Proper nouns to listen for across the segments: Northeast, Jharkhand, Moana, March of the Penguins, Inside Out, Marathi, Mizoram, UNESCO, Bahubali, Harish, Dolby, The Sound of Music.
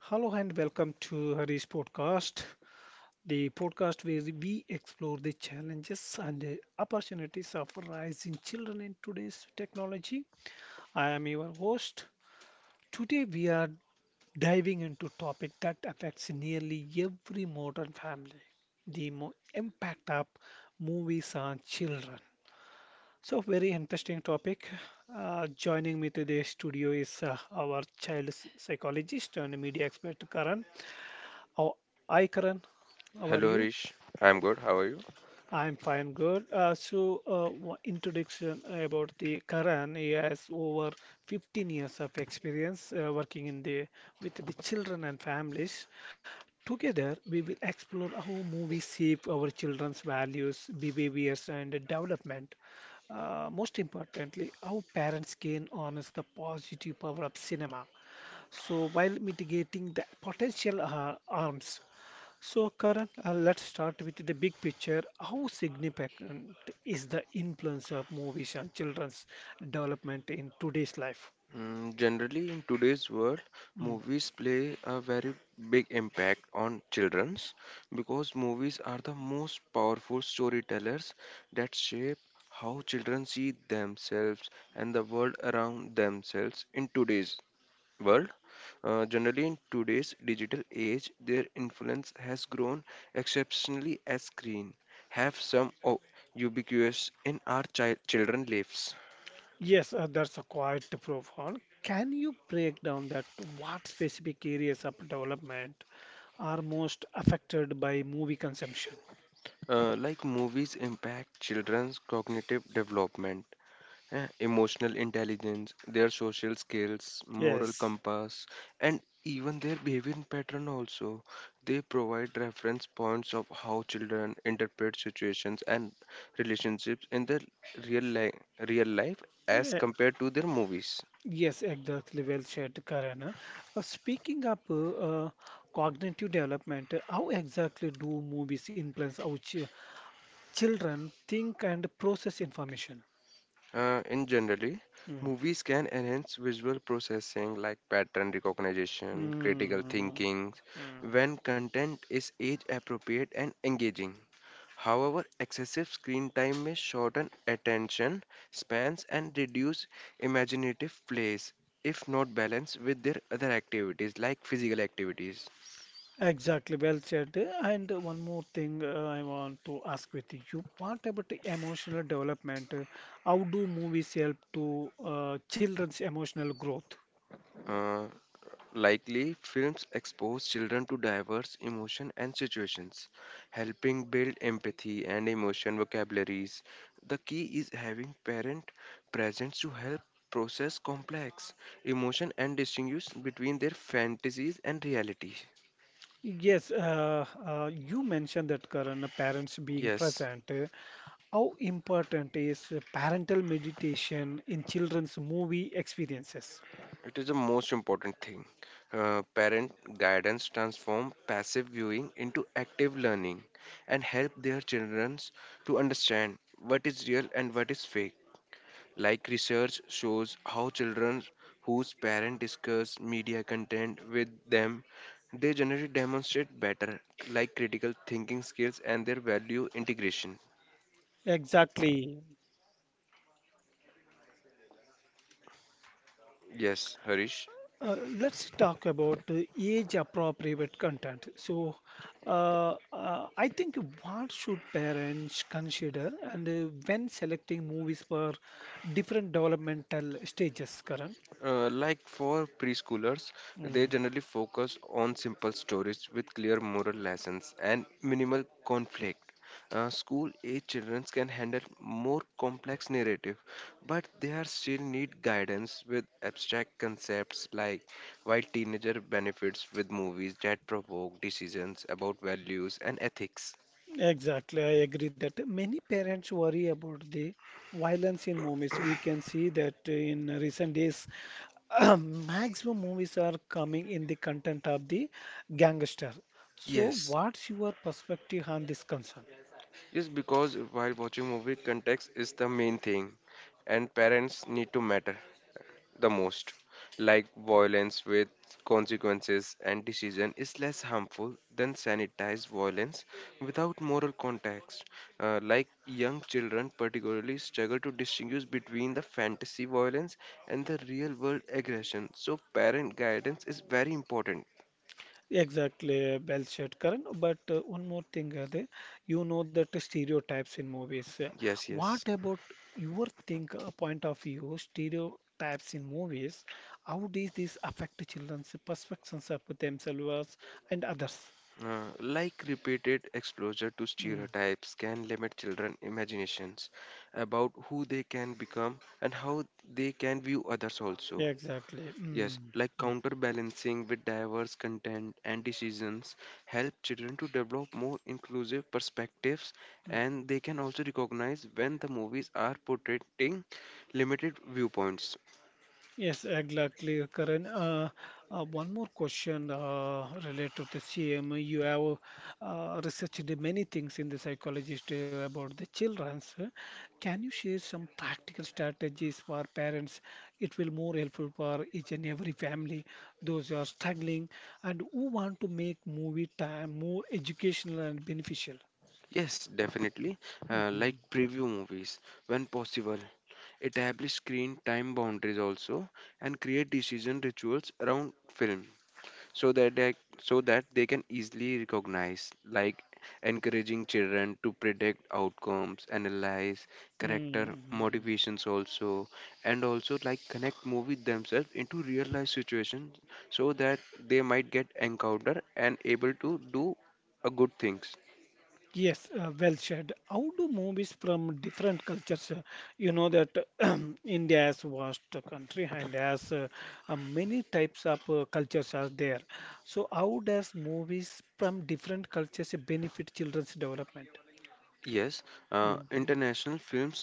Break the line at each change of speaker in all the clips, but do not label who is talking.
Hello and welcome to Hari's podcast, the podcast where we explore the challenges and the opportunities of rising children in today's technology. I am your host. Today we are diving into a topic that affects nearly every modern family, the impact of movies on children. So very interesting topic. Joining me today studio is our child psychologist and media expert Karan. Oh, hi Karan. How are
Hello
you?
Harish, I'm good. How are you?
I'm fine, good. Introduction about the Karan. He has over 15 years of experience working in the with the children and families. Together, we will explore how movies shape our children's values, behaviors, and development. Most importantly, how parents can harness the positive power of cinema. So, while mitigating the potential harms so, Karan, let's start with the big picture. How significant is the influence of movies on children's development in today's life?
Mm, generally, in today's world,
Mm.
movies play a very big impact on childrens because movies are the most powerful storytellers that shape how children see themselves and the world around themselves in today's world. Generally, in today's digital age, their influence has grown exceptionally as screen have some ubiquitous in our children lives.
Yes, that's a quite profound. Can you break down that what specific areas of development are most affected by movie consumption?
Like movies impact children's cognitive development, emotional intelligence, their social skills, moral
Yes.
compass, and even their behavior pattern also. They provide reference points of how children interpret situations and relationships in their real, li- real life as
Yeah,
compared to their movies.
yes, exactly. Well said, Karan. Speaking of cognitive development, how exactly do movies influence our ch Children think and process information.
In generally,
Mm.
movies can enhance visual processing like pattern recognition, critical
Mm.
thinking,
Mm.
when content is age appropriate and engaging. However, excessive screen time may shorten attention spans and reduce imaginative plays if not balanced with their other activities like physical activities.
Exactly, well said. And one more thing I want to ask with you. What about the emotional development? How do movies help to children's emotional growth?
Uh, Likely, films expose children to diverse emotion and situations, helping build empathy and emotion vocabularies. The key is having parent presence to help process complex emotion and distinguish between their fantasies and reality.
Yes, you mentioned that Karan, parents being
Yes,
present. How important is parental meditation in children's movie experiences?
it is the most important thing. Parent guidance transform passive viewing into active learning and help their children to understand what is real and what is fake. Like research shows how children whose parents discuss media content with them, they generally demonstrate better like critical thinking skills and their value integration.
Exactly.
Yes, Harish.
Let's talk about the age-appropriate content. I think what should parents consider and when selecting movies for different developmental stages, Karan?
Like for preschoolers, they
Mm,
generally focus on simple stories with clear moral lessons and minimal conflict. School age children can handle more complex narrative, but they are still need guidance with abstract concepts like while teenager benefits with movies that provoke decisions about values and ethics.
exactly, I agree that many parents worry about the violence in movies. We can see that in recent days, maximum movies are coming in the content of the gangster. So,
Yes,
what's your perspective on this concern?
just because while watching movie context is the main thing and parents need to matter the most. Like violence with consequences and decision is less harmful than sanitized violence without moral context. Like young children, particularly, struggle to distinguish between the fantasy violence and the real world aggression. So, parent guidance is very important.
Exactly, well said, Karan. But one more thing, you know that the stereotypes in movies.
Yes,
What
yes.
about your think point of view, stereotypes in movies? How does this affect children's perceptions of themselves and others?
Like repeated exposure to
Mm,
stereotypes can limit children' imaginations about who they can become and how they can view others also.
yeah, exactly.
Yes,
Mm,
like
mm,
counterbalancing with diverse content and decisions help children to develop more inclusive perspectives and they can also recognize when the movies are portraying limited viewpoints.
yes, exactly, Karan. One more question related to the same. You have researched many things in the psychologist about the children's. Can you share some practical strategies for parents? It will more helpful for each and every family, those who are struggling and who want to make movie time more educational and beneficial.
Yes, definitely. Uh,
Mm.
like preview movies when possible. Establish screen time boundaries also and create decision rituals around film, so that they can easily recognize, like encouraging children to predict outcomes, analyze character
Mm.
motivations also, and also like connect movie themselves into real life situations so that they might get encounter and able to do a good things.
Yes, well said. How do movies from different cultures, you know that India is vast country and has many types of cultures are there. So how does movies from different cultures benefit children's development?
Yes.
Mm-hmm.
International films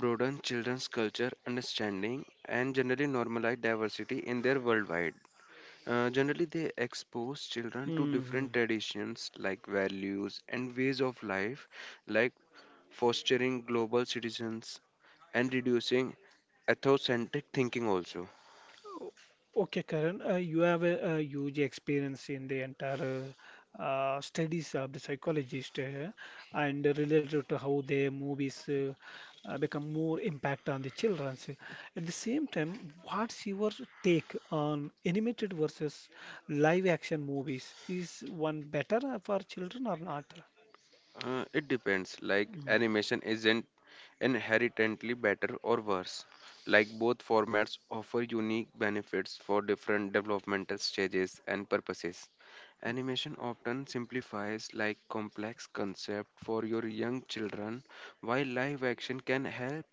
broaden children's culture understanding and generally normalize diversity in their worldwide. Generally, they expose children to
Mm-hmm.
different traditions like values and ways of life, like fostering global citizens and reducing ethnocentric thinking, also.
Okay, Karan, you have a huge experience in the entire studies of the psychologist and related to how their movies become more impact on the children. At the same time, what's your take on animated versus live action movies? Is one better for children or not?
It depends. Like animation isn't inherently better or worse. Like both formats offer unique benefits for different developmental stages and purposes. Animation often simplifies like complex concept for your young children, while live action can help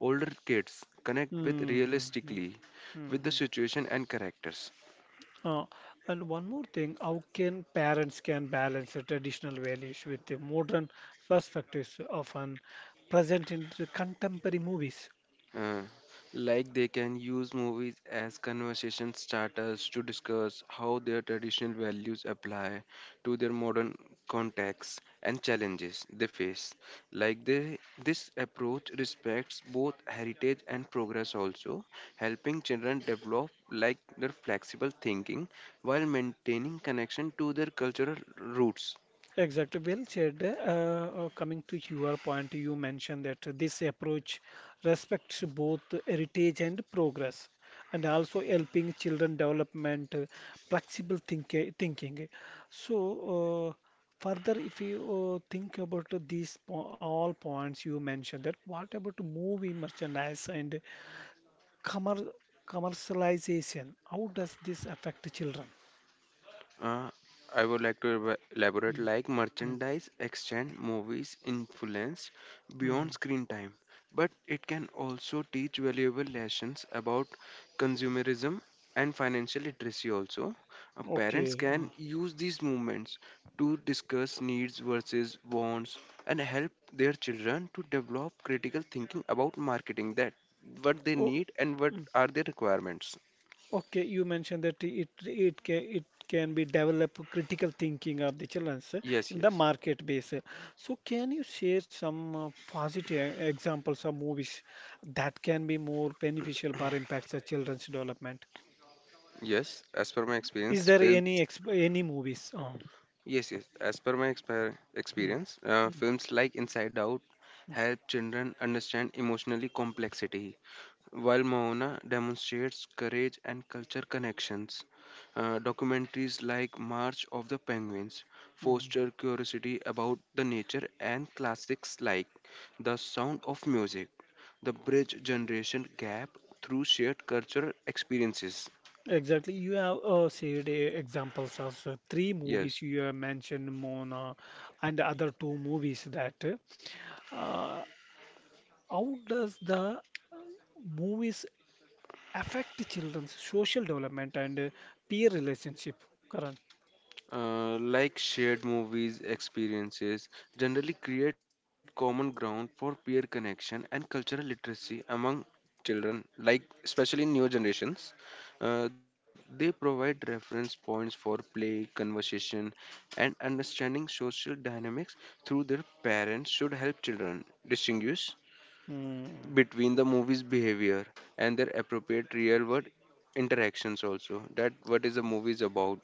older kids connect with
Mm-hmm.
realistically with the situation and characters.
Uh, and one more thing, how can parents can balance the traditional values with the modern perspectives often present in the contemporary movies?
Uh, like they can use movies as conversation starters to discuss how their traditional values apply to their modern contexts and challenges they face. Like they, this approach respects both heritage and progress, also helping children develop like their flexible thinking while maintaining connection to their cultural roots.
Exactly, well said. Coming to your point, you mentioned that this approach respects both heritage and progress, and also helping children development, flexible thinking. So, uh, if you think about these po all points you mentioned, that what about movie merchandise and commer commercialization? How does this affect children?
Uh, I would like to elaborate
Mm,
like
mm.
merchandise exchange movies influence
Mm,
beyond screen time, but it can also teach valuable lessons about consumerism and financial literacy. Also, uh, parents
okay. Mm.
can use these movements to discuss needs versus wants and help their children to develop critical thinking about marketing, that what they
Oh.
need and what
Hmm.
are their requirements.
Okay, you mentioned that it can it can be develop critical thinking of the children
Yes,
in the
yes,
market base. So can you share some positive e, examples of movies that can be more beneficial or impacts the children's development?
yes. As per my
Is
experience,
there any
films.
ex any movies? Oh,
Yes, yes. As per my
mm,
experience,
mm,
films like Inside Out help children understand emotionally complexity, while Moana demonstrates courage and culture connections. Documentaries like March of the Penguins
mm.
foster curiosity about the nature, and classics like The Sound of Music, the bridge generation gap through shared cultural experiences.
Exactly. You have shared examples of three movies
Yes.
you have mentioned, Mona, and other two movies that. Uh, how does the movies affect children's social development and peer relationship, Karan?
Like shared movies experiences generally create common ground for peer connection and cultural literacy among children, like especially in new generations. uh, they provide reference points for play conversation and understanding social dynamics through their parents should help children distinguish
Mm.
between the movie's behavior and their appropriate real world interactions also, that what is a movie is about.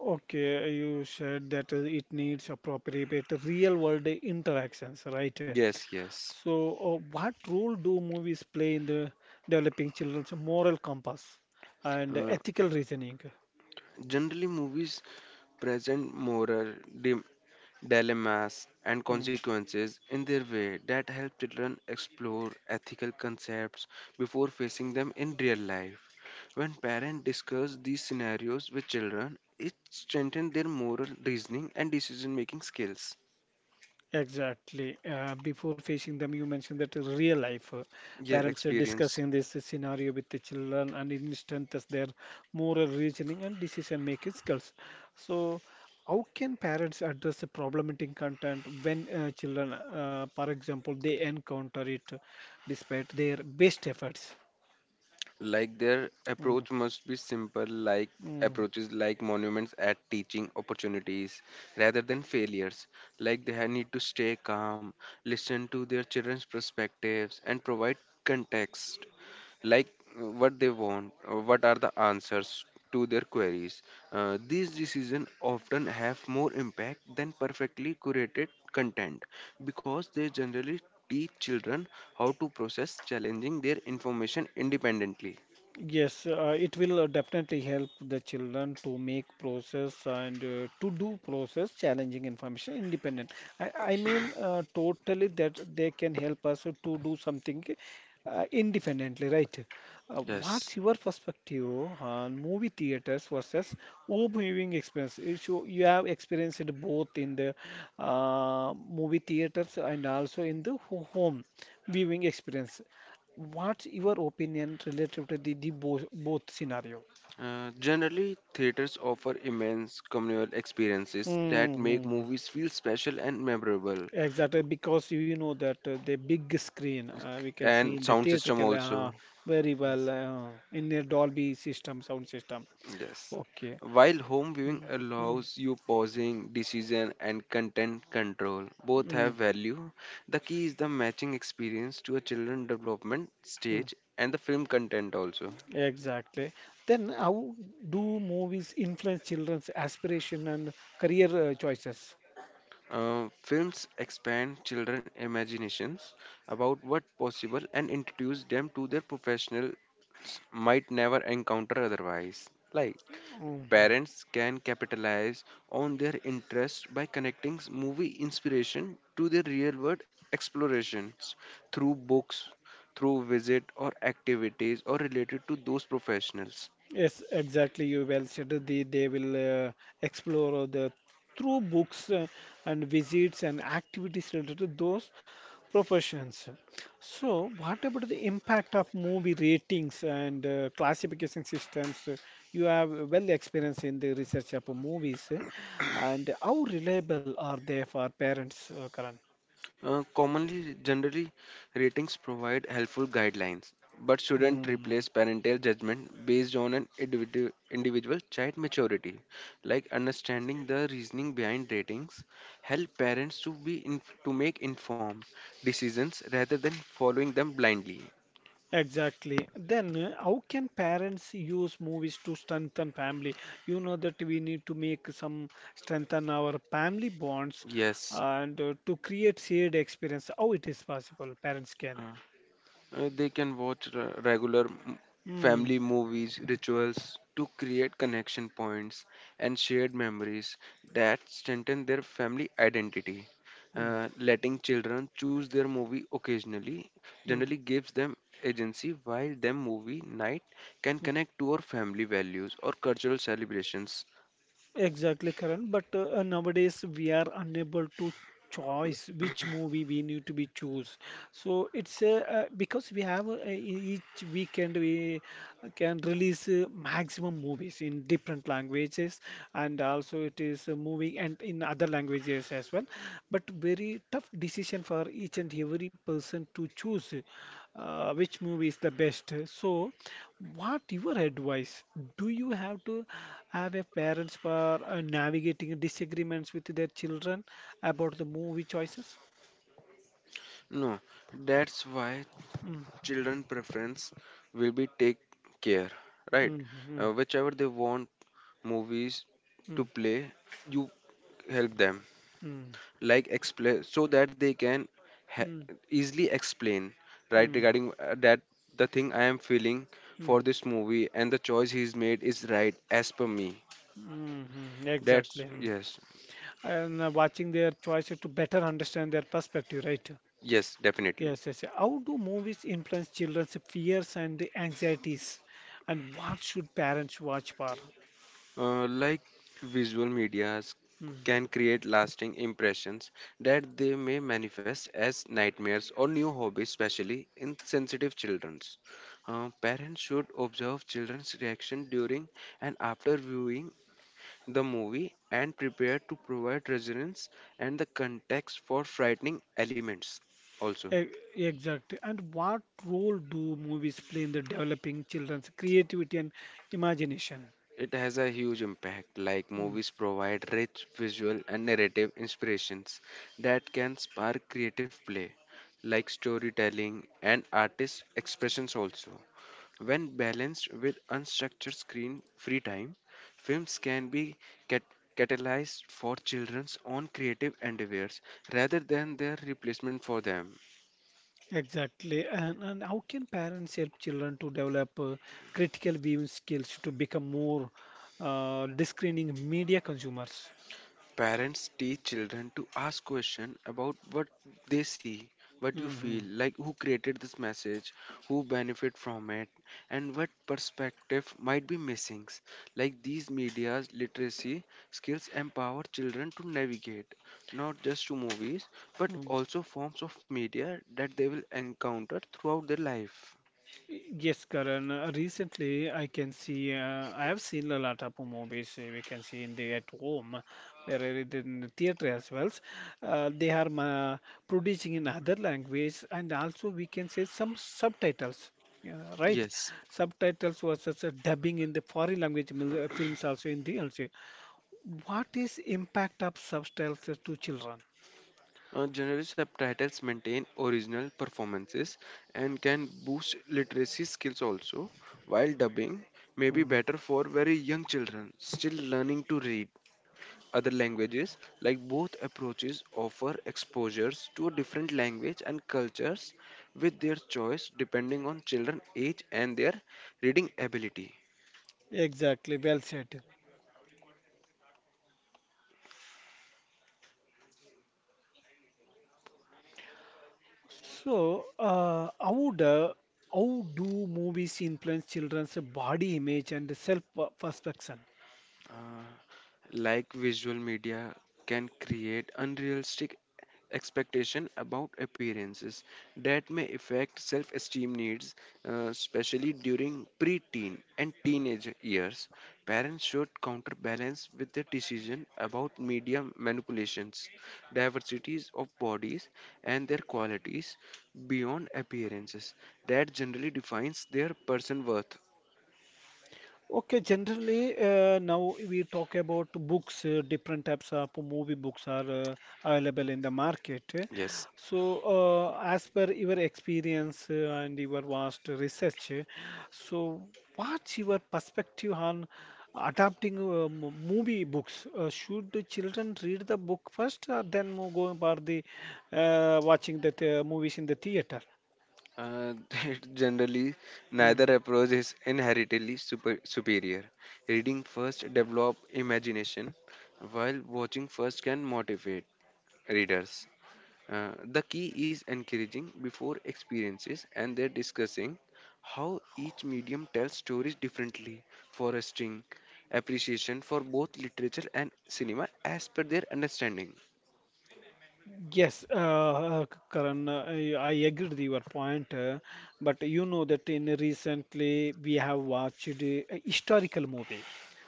Okay, you said that it needs appropriate real world interactions, right?
Yes, yes.
So, what role do movies play in the developing children's moral compass and
Uh,
ethical reasoning?
Generally, movies present moral di- dilemmas and
Mm.
consequences in their way that help children explore ethical concepts before facing them in real life. When parents discuss these scenarios with children, it strengthens their moral reasoning and decision making skills.
Exactly. Before facing them, you mentioned that is real life.
Yeah,
Parents are
experience.
discussing this scenario with the children and it strengthens their moral reasoning and decision making skills. So, how can parents address the problematic content when children, for example, they encounter it despite their best efforts?
Like their
Mm,
approach must be simple, like
mm.
approaches like monuments at teaching opportunities rather than failures. Like they need to stay calm, listen to their children's perspectives, and provide context, like what they want, what are the answers to their queries. These decisions often have more impact than perfectly curated content because they generally teach children how to process challenging their information independently.
Yes, it will definitely help the children to make process and to do process challenging information independent. I mean, totally that they can help us to do something independently, right?
Yes.
What's your perspective on movie theaters versus home viewing experience? So you have experienced both in the movie theaters and also in the home viewing experience. What's your opinion relative to the both scenario?
Generally, theaters offer immense communal experiences that make
Mm-hmm.
movies feel special and memorable,
Exactly, because you know that the big screen we can see
and
in the
sound system
theatrical
also.
very well in the Dolby system, sound system.
Yes.
Okay.
While home viewing
Mm-hmm.
allows you pausing, decision, and content control, both
Mm-hmm.
have value. The key is the matching experience to a children development stage and the film content also.
Exactly. Then how do movies influence children's aspiration and career choices?
Films expand children's imaginations about what's possible and introduce them to their professionals might never encounter otherwise. Like parents can capitalize on their interest by connecting movie inspiration to their real-world explorations through books, through visit or activities or related to those professionals.
Yes, exactly. You well said. They will explore the through books and visits and activities related to those professions. So, what about the impact of movie ratings and classification systems? You have well experience in the research of movies, and how reliable are they for parents, Karan?
Commonly, generally, ratings provide helpful guidelines, but shouldn't
Hmm.
replace parental judgment based on an individual child maturity. Like understanding the reasoning behind ratings, help parents to to make informed decisions rather than following them blindly.
Exactly. Then, how can parents use movies to strengthen family? You know that we need to make some strengthen our family bonds
Yes.
and to create shared experience. How it is possible, parents can.
uh, they can watch regular
Mm,
family movies, rituals to create connection points and shared memories that strengthen their family identity.
mm,
Letting children choose their movie occasionally
mm.
generally gives them agency while them movie night can connect to our family values or cultural celebrations.
Exactly, Karan. But nowadays we are unable to choice which movie we need to be choose. So it's because we have each weekend we can release maximum movies in different languages and also it is moving and in other languages as well. But very tough decision for each and every person to choose which movie is the best. So what your advice? Do you have to have a parents for navigating disagreements with their children about the movie choices?
No, that's why
Mm,
children preference will be take care, right?
mm,
Uh,
mm,
whichever they want movies to
mm,
play, you help them,
mm,
like explain so that they can ha-
mm,
easily explain, right,
mm,
regarding that the thing I am feeling
mm,
for this movie and the choice he's made is right as per me.
mm, mm, exactly.
That's
Mm.
yes,
And watching their choices to better understand their perspective, right?
yes, definitely.
Yes, yes, yes. How do movies influence children's fears and anxieties? And what should parents watch for?
Like visual medias
Mm.
can create lasting impressions that they may manifest as nightmares or new hobbies, especially in sensitive childrens. Parents should observe children's reaction during and after viewing the movie and prepare to provide resonance and the context for frightening elements also.
E- Exactly. And what role do movies play in the developing children's creativity and imagination?
It has a huge impact, like
Mm,
movies provide rich visual and narrative inspirations that can spark creative play, like storytelling and artist expressions also. When balanced with unstructured screen free time, films can be cat- catalyzed for children's own creative endeavors rather than their replacement for them.
exactly. And how can parents help children to develop critical viewing skills to become more discerning media consumers?
Parents teach children to ask questions about what they see, what you feel,
Mm-hmm.
like who created this message, who benefit from it, and what perspective might be missing. Like these media's literacy skills empower children to navigate not just to movies but
Hmm.
also forms of media that they will encounter throughout their life.
Yes, Karan. Recently, I can see, I have seen a lot of movies we can see in the at home, where it in the theater as well. They are producing in other language, and also we can say some subtitles. Yeah, right.
Yes.
Subtitles versus dubbing in the foreign language films also in the also. What is impact of subtitles to children?
Generally, subtitles maintain original performances and can boost literacy skills also, while dubbing may be
Mm,
better for very young children still learning to read other languages. Like both approaches offer exposures to a different language and cultures with their choice depending on children age and their reading ability.
exactly. Well said. So, how do movies influence children's body image and self-perception?
Uh, like visual media can create unrealistic expectation about appearances that may affect self-esteem needs, especially during pre-teen and teenage years. Parents should counterbalance with their decision about media manipulations, diversities of bodies, and their qualities beyond appearances that generally defines their person worth.
Okay, generally, now we talk about books, different types of movie books are available in the market.
Yes.
So, as per your experience and your vast research, so what's your perspective on adapting movie books? Should the children read the book first, or then go for the watching the movies in the theater?
Uh, generally,
Hmm.
neither approach is inherently superior. Reading first develop imagination, while watching first can motivate readers. The key is encouraging before experiences and their discussing how each medium tells stories differently, fostering appreciation for both literature and cinema as per their understanding.
Yes, Karan, I agree with your point, but you know that in recently we have watched a historical movie,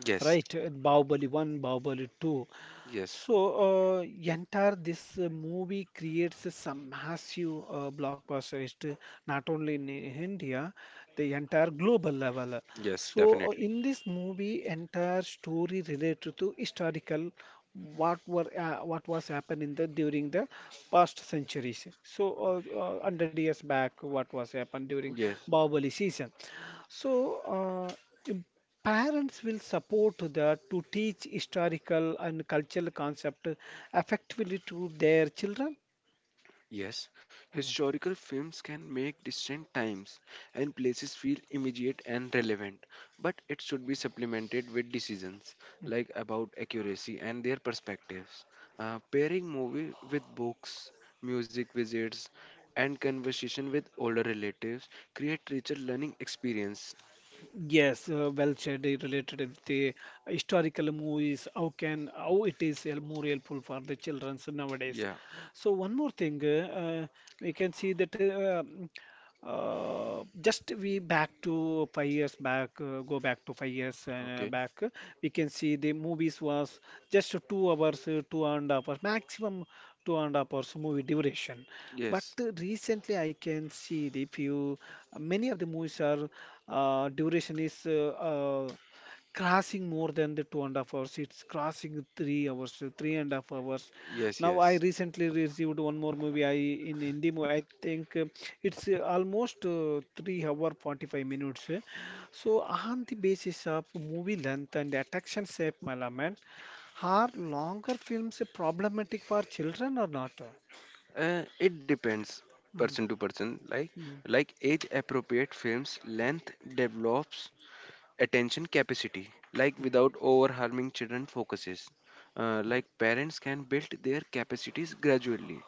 Yes,
right? Bahubali 1, Bahubali 2.
yes,
So, entire this movie creates some massive blockbuster hit, not only in India, the entire global level.
yes,
So,
definitely.
in this movie, entire story related to historical what were what was happened in the during the past centuries. So, 100 years back, what was happened during
Yes.
Bahubali season. So, uh, parents will support that to teach historical and cultural concept effectively to their children
Yes, historical films can make distant times and places feel immediate and relevant, but it should be supplemented with decisions like about accuracy and their perspectives. Pairing movie with books, music visits, and conversation with older relatives create richer learning experience.
yes well said related with the historical movies how can how it is more helpful for the children nowadays
Yeah.
so one more thing we can see that just we back to 5 years back, go back to 5 years
Okay.
back. Uh, we can see the movies was just 2 hours, 2.5 hours, maximum 2.5 hours movie duration. But
Yes,
recently, I can see the few many of the movies are duration is crossing more than the 2.5 hours. It's crossing 3 hours, 3.5 hours.
yes,
Now I
yes.
recently received one more movie. I in Hindi movie. I think it's almost 3 hour 45 minutes. So on the basis of movie length and attraction shape element, are longer films problematic for children or not?
It depends
Mm,
person to person. Like
mm,
like age appropriate films, length develops attention capacity, like
mm.
without over harming children focuses. Like parents can build their capacities gradually,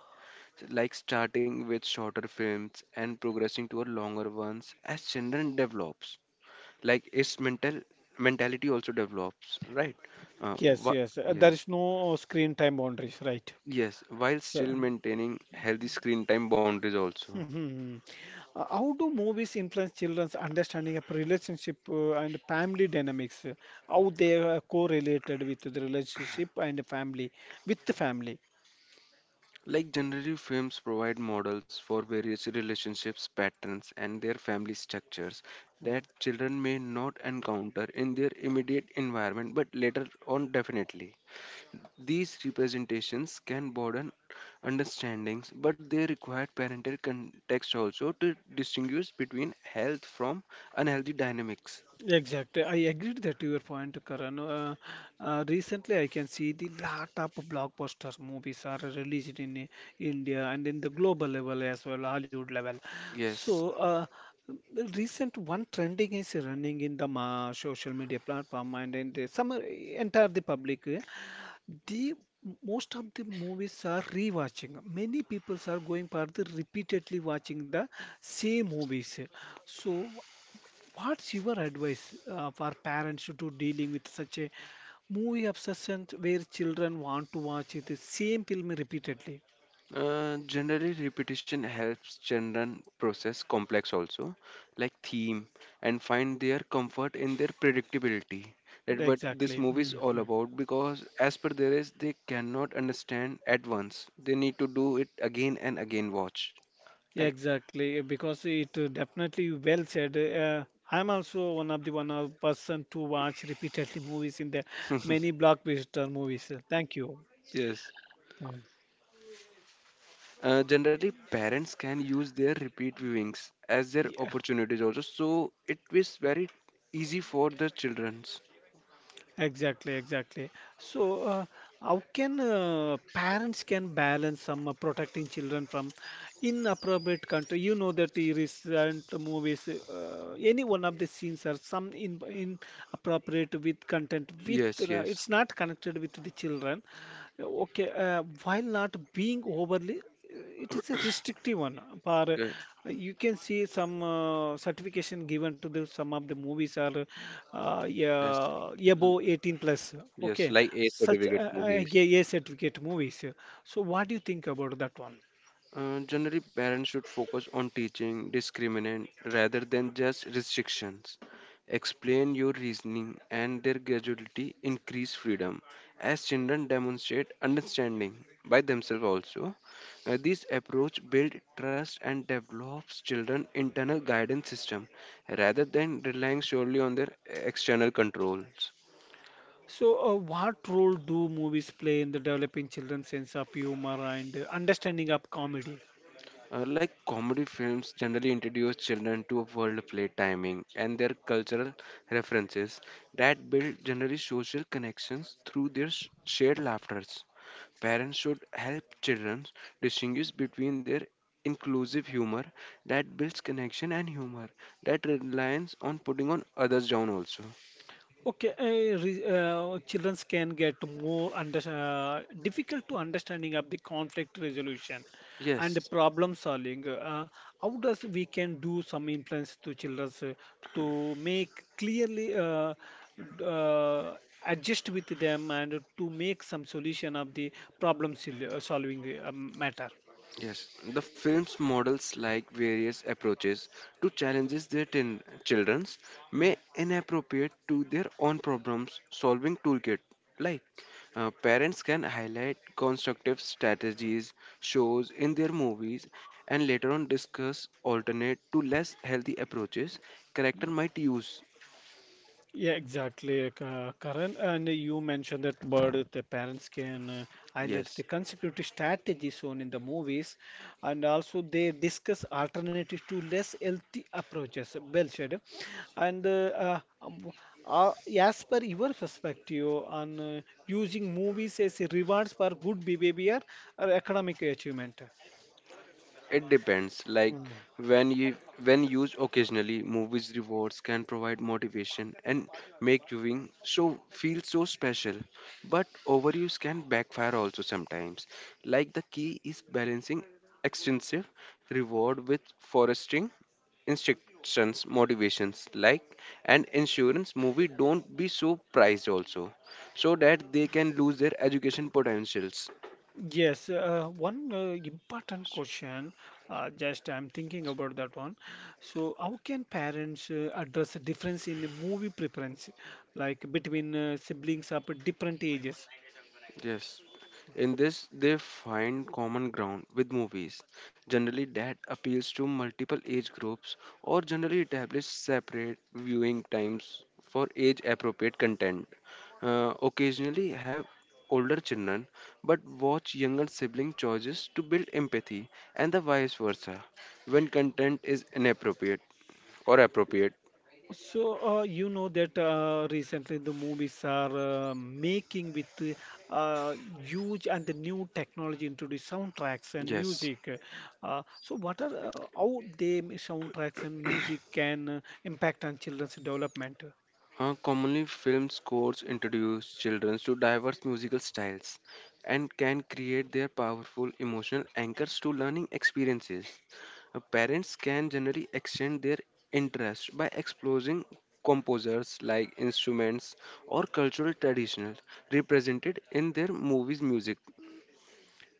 like starting with shorter films and progressing to a longer ones as children develops, like its mentality also develops, right? uh,
Yes,
wha-
yes. There
yes,
is no screen time boundaries, right?
yes, while
So,
still maintaining healthy screen time boundaries also.
How do movies influence children's understanding of relationship and family dynamics? How they are correlated with the relationship and family, with the family?
Like generative films provide models for various relationships, patterns, and their family structures
Mm.
that children may not encounter in their immediate environment, but later on definitely. These representations can broaden understandings, but they require parental context also to distinguish between health from unhealthy dynamics.
Exactly. I agreed that your point, Karan. Recently, I can see the lot of blockbusters movies are released in India and in the global level as well, Hollywood level.
Yes.
So, uh, the recent one trending is running in the ma social media platform and in the some entire the public. The most of the movies are rewatching. Many people are going for the repeatedly watching the same movies. So, what's your advice for parents to dealing with such a movie obsession where children want to watch the same film repeatedly?
Generally, repetition helps children process complex also, like theme, and find their comfort in their predictability. That what this
Exactly.
movie is all
Mhm.
about. Because as per there is, they cannot understand at once. They need to do it again and again. Watch, right?
Exactly, because it definitely well said. I'm also one of person to watch repeatedly movies in the many blockbuster movies. Thank you.
Yes.
Um,
Generally, parents can use their repeat viewings as their
Yeah,
opportunities also. So it is very easy for the childrens.
exactly, exactly. So, how can parents can balance some protecting children from inappropriate country? You know that the recent movies, any one of the scenes are some in inappropriate with content
Yes,
with
yes.
it's not connected with the children, okay, while not being overly, it is a restrictive one. For
Yeah.
you can see some certification given to the some of the movies are
Yes.
yeah, above 18 plus.
Yes,
Okay,
like A
such
certificate movies.
yeah, yeah, certificate movies. So, what do you think about that one?
Generally, parents should focus on teaching discriminant rather than just restrictions. Explain your reasoning and their graduality increase freedom as children demonstrate understanding by themselves also. This approach builds trust and develops children internal guidance system rather than relying solely on their external controls.
So, what role do movies play in the developing children's sense of humor and understanding of comedy?
Like comedy films generally introduce children to a world of play timing and their cultural references that build generally social connections through their shared laughters. Parents should help children distinguish between their inclusive humor that builds connection and humor that relies on putting on others down also.
Okay, childrens can get more under difficult to understanding of the conflict resolution and the
Yes.
problem solving. How does we can do some influence to childrens to make clearly d- uh, adjust with them and to make some solution of the solving matter?
Yes, the film's models like various approaches to challenges their children's
Hmm.
may inappropriate to their own problems solving toolkit. Like parents can highlight constructive strategies shows in their movies and later on discuss alternate to less healthy approaches character might use.
Yeah, exactly, Karan. And you mentioned that word that the parents can highlight the
Yes.
consecutive strategies shown in the movies, and also they discuss alternatives to less healthy approaches. Well said. And uh, as per your perspective on using movies as a rewards for good behavior or economic achievement.
It depends. Like when you when used occasionally, movies rewards can provide motivation and make viewing so feel so special. But overuse can backfire also sometimes. Like the key is balancing extensive reward with fostering instructions, motivations, like and insurance movie don't be so priced also, so that they can lose their education potentials.
Yes, one important question, just I'm thinking about that one. So, how can parents address the difference in the movie preference, like between siblings of different ages?
Yes. In this, they find common ground with movies, generally that appeals to multiple age groups or generally establish separate viewing times for age appropriate content. Occasionally have older children but watch younger sibling choices to build empathy and the vice versa when content is inappropriate or appropriate.
So, you know that recently the movies are making with huge and the new technology into the soundtracks and
Yes.
music. What are how they soundtracks and music can impact on children's development?
Commonly, film scores introduce children to diverse musical styles and can create their powerful emotional anchors to learning experiences. Parents can generally extend their interest by exploring composers like instruments or cultural traditions represented in their movies music.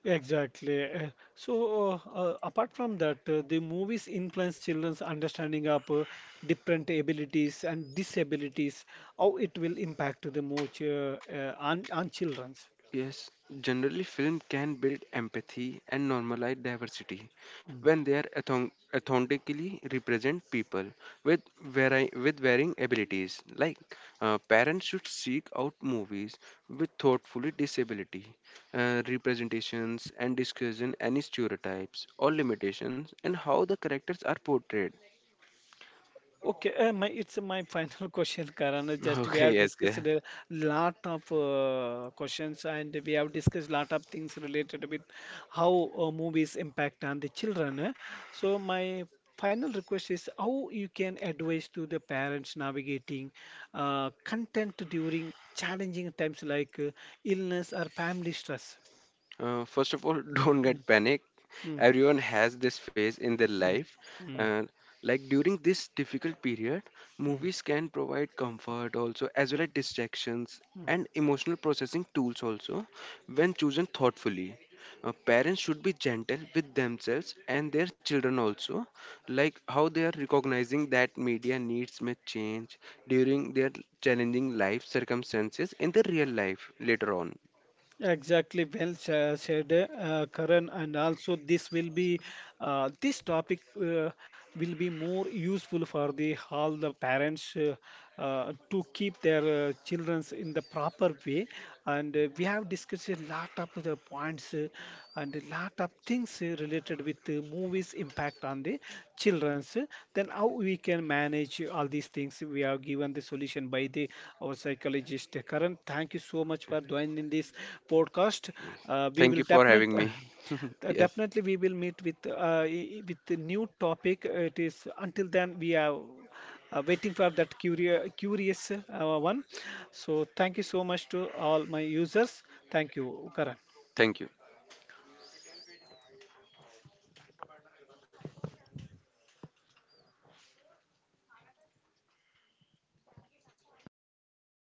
Exactly. Apart from that, the movies influence children's understanding of different abilities and disabilities, how it will impact the more ch- on children's.
Yes, generally, film can build empathy and normalize diversity
Hmm.
when they are authentically represent people with with varying abilities. Like parents should seek out movies with thoughtfully disability representations and discussion any stereotypes or limitations and how the characters are portrayed.
Okay, my it's my final question, Karan. Is Just we
Okay,
have
yes,
discussed
yeah.
a lot of questions, and we have discussed lot of things related with how movies impact on the children. Eh. So my final request is how you can advise to the parents navigating content during challenging times like illness or family stress.
First of all, don't
Mm,
get panic.
mm,
Everyone has this phase in their
mm,
life.
mm,
Uh, like during this difficult period,
mm,
movies can provide comfort also, as well as distractions and
mm.
emotional processing tools also when chosen thoughtfully. Parents should be gentle with themselves and their children also, like how they are recognizing that media needs may change during their challenging life circumstances in the real life later on.
Exactly, said, Karan, and also this will be this topic will be more useful for the all the parents to keep their childrens in the proper way. And we have discussed a lot of the points and a lot of things related with movies impact on the children's, then how we can manage all these things. We have given the solution by the our psychologist. Karan, thank you so much for joining this podcast. We
Thank
will
you for having
definitely
me. Yes.
definitely we will meet with with the new topic. It is Until then we are waiting for that curious one. So thank you so much to all my users. Thank you, Karan.
Thank you.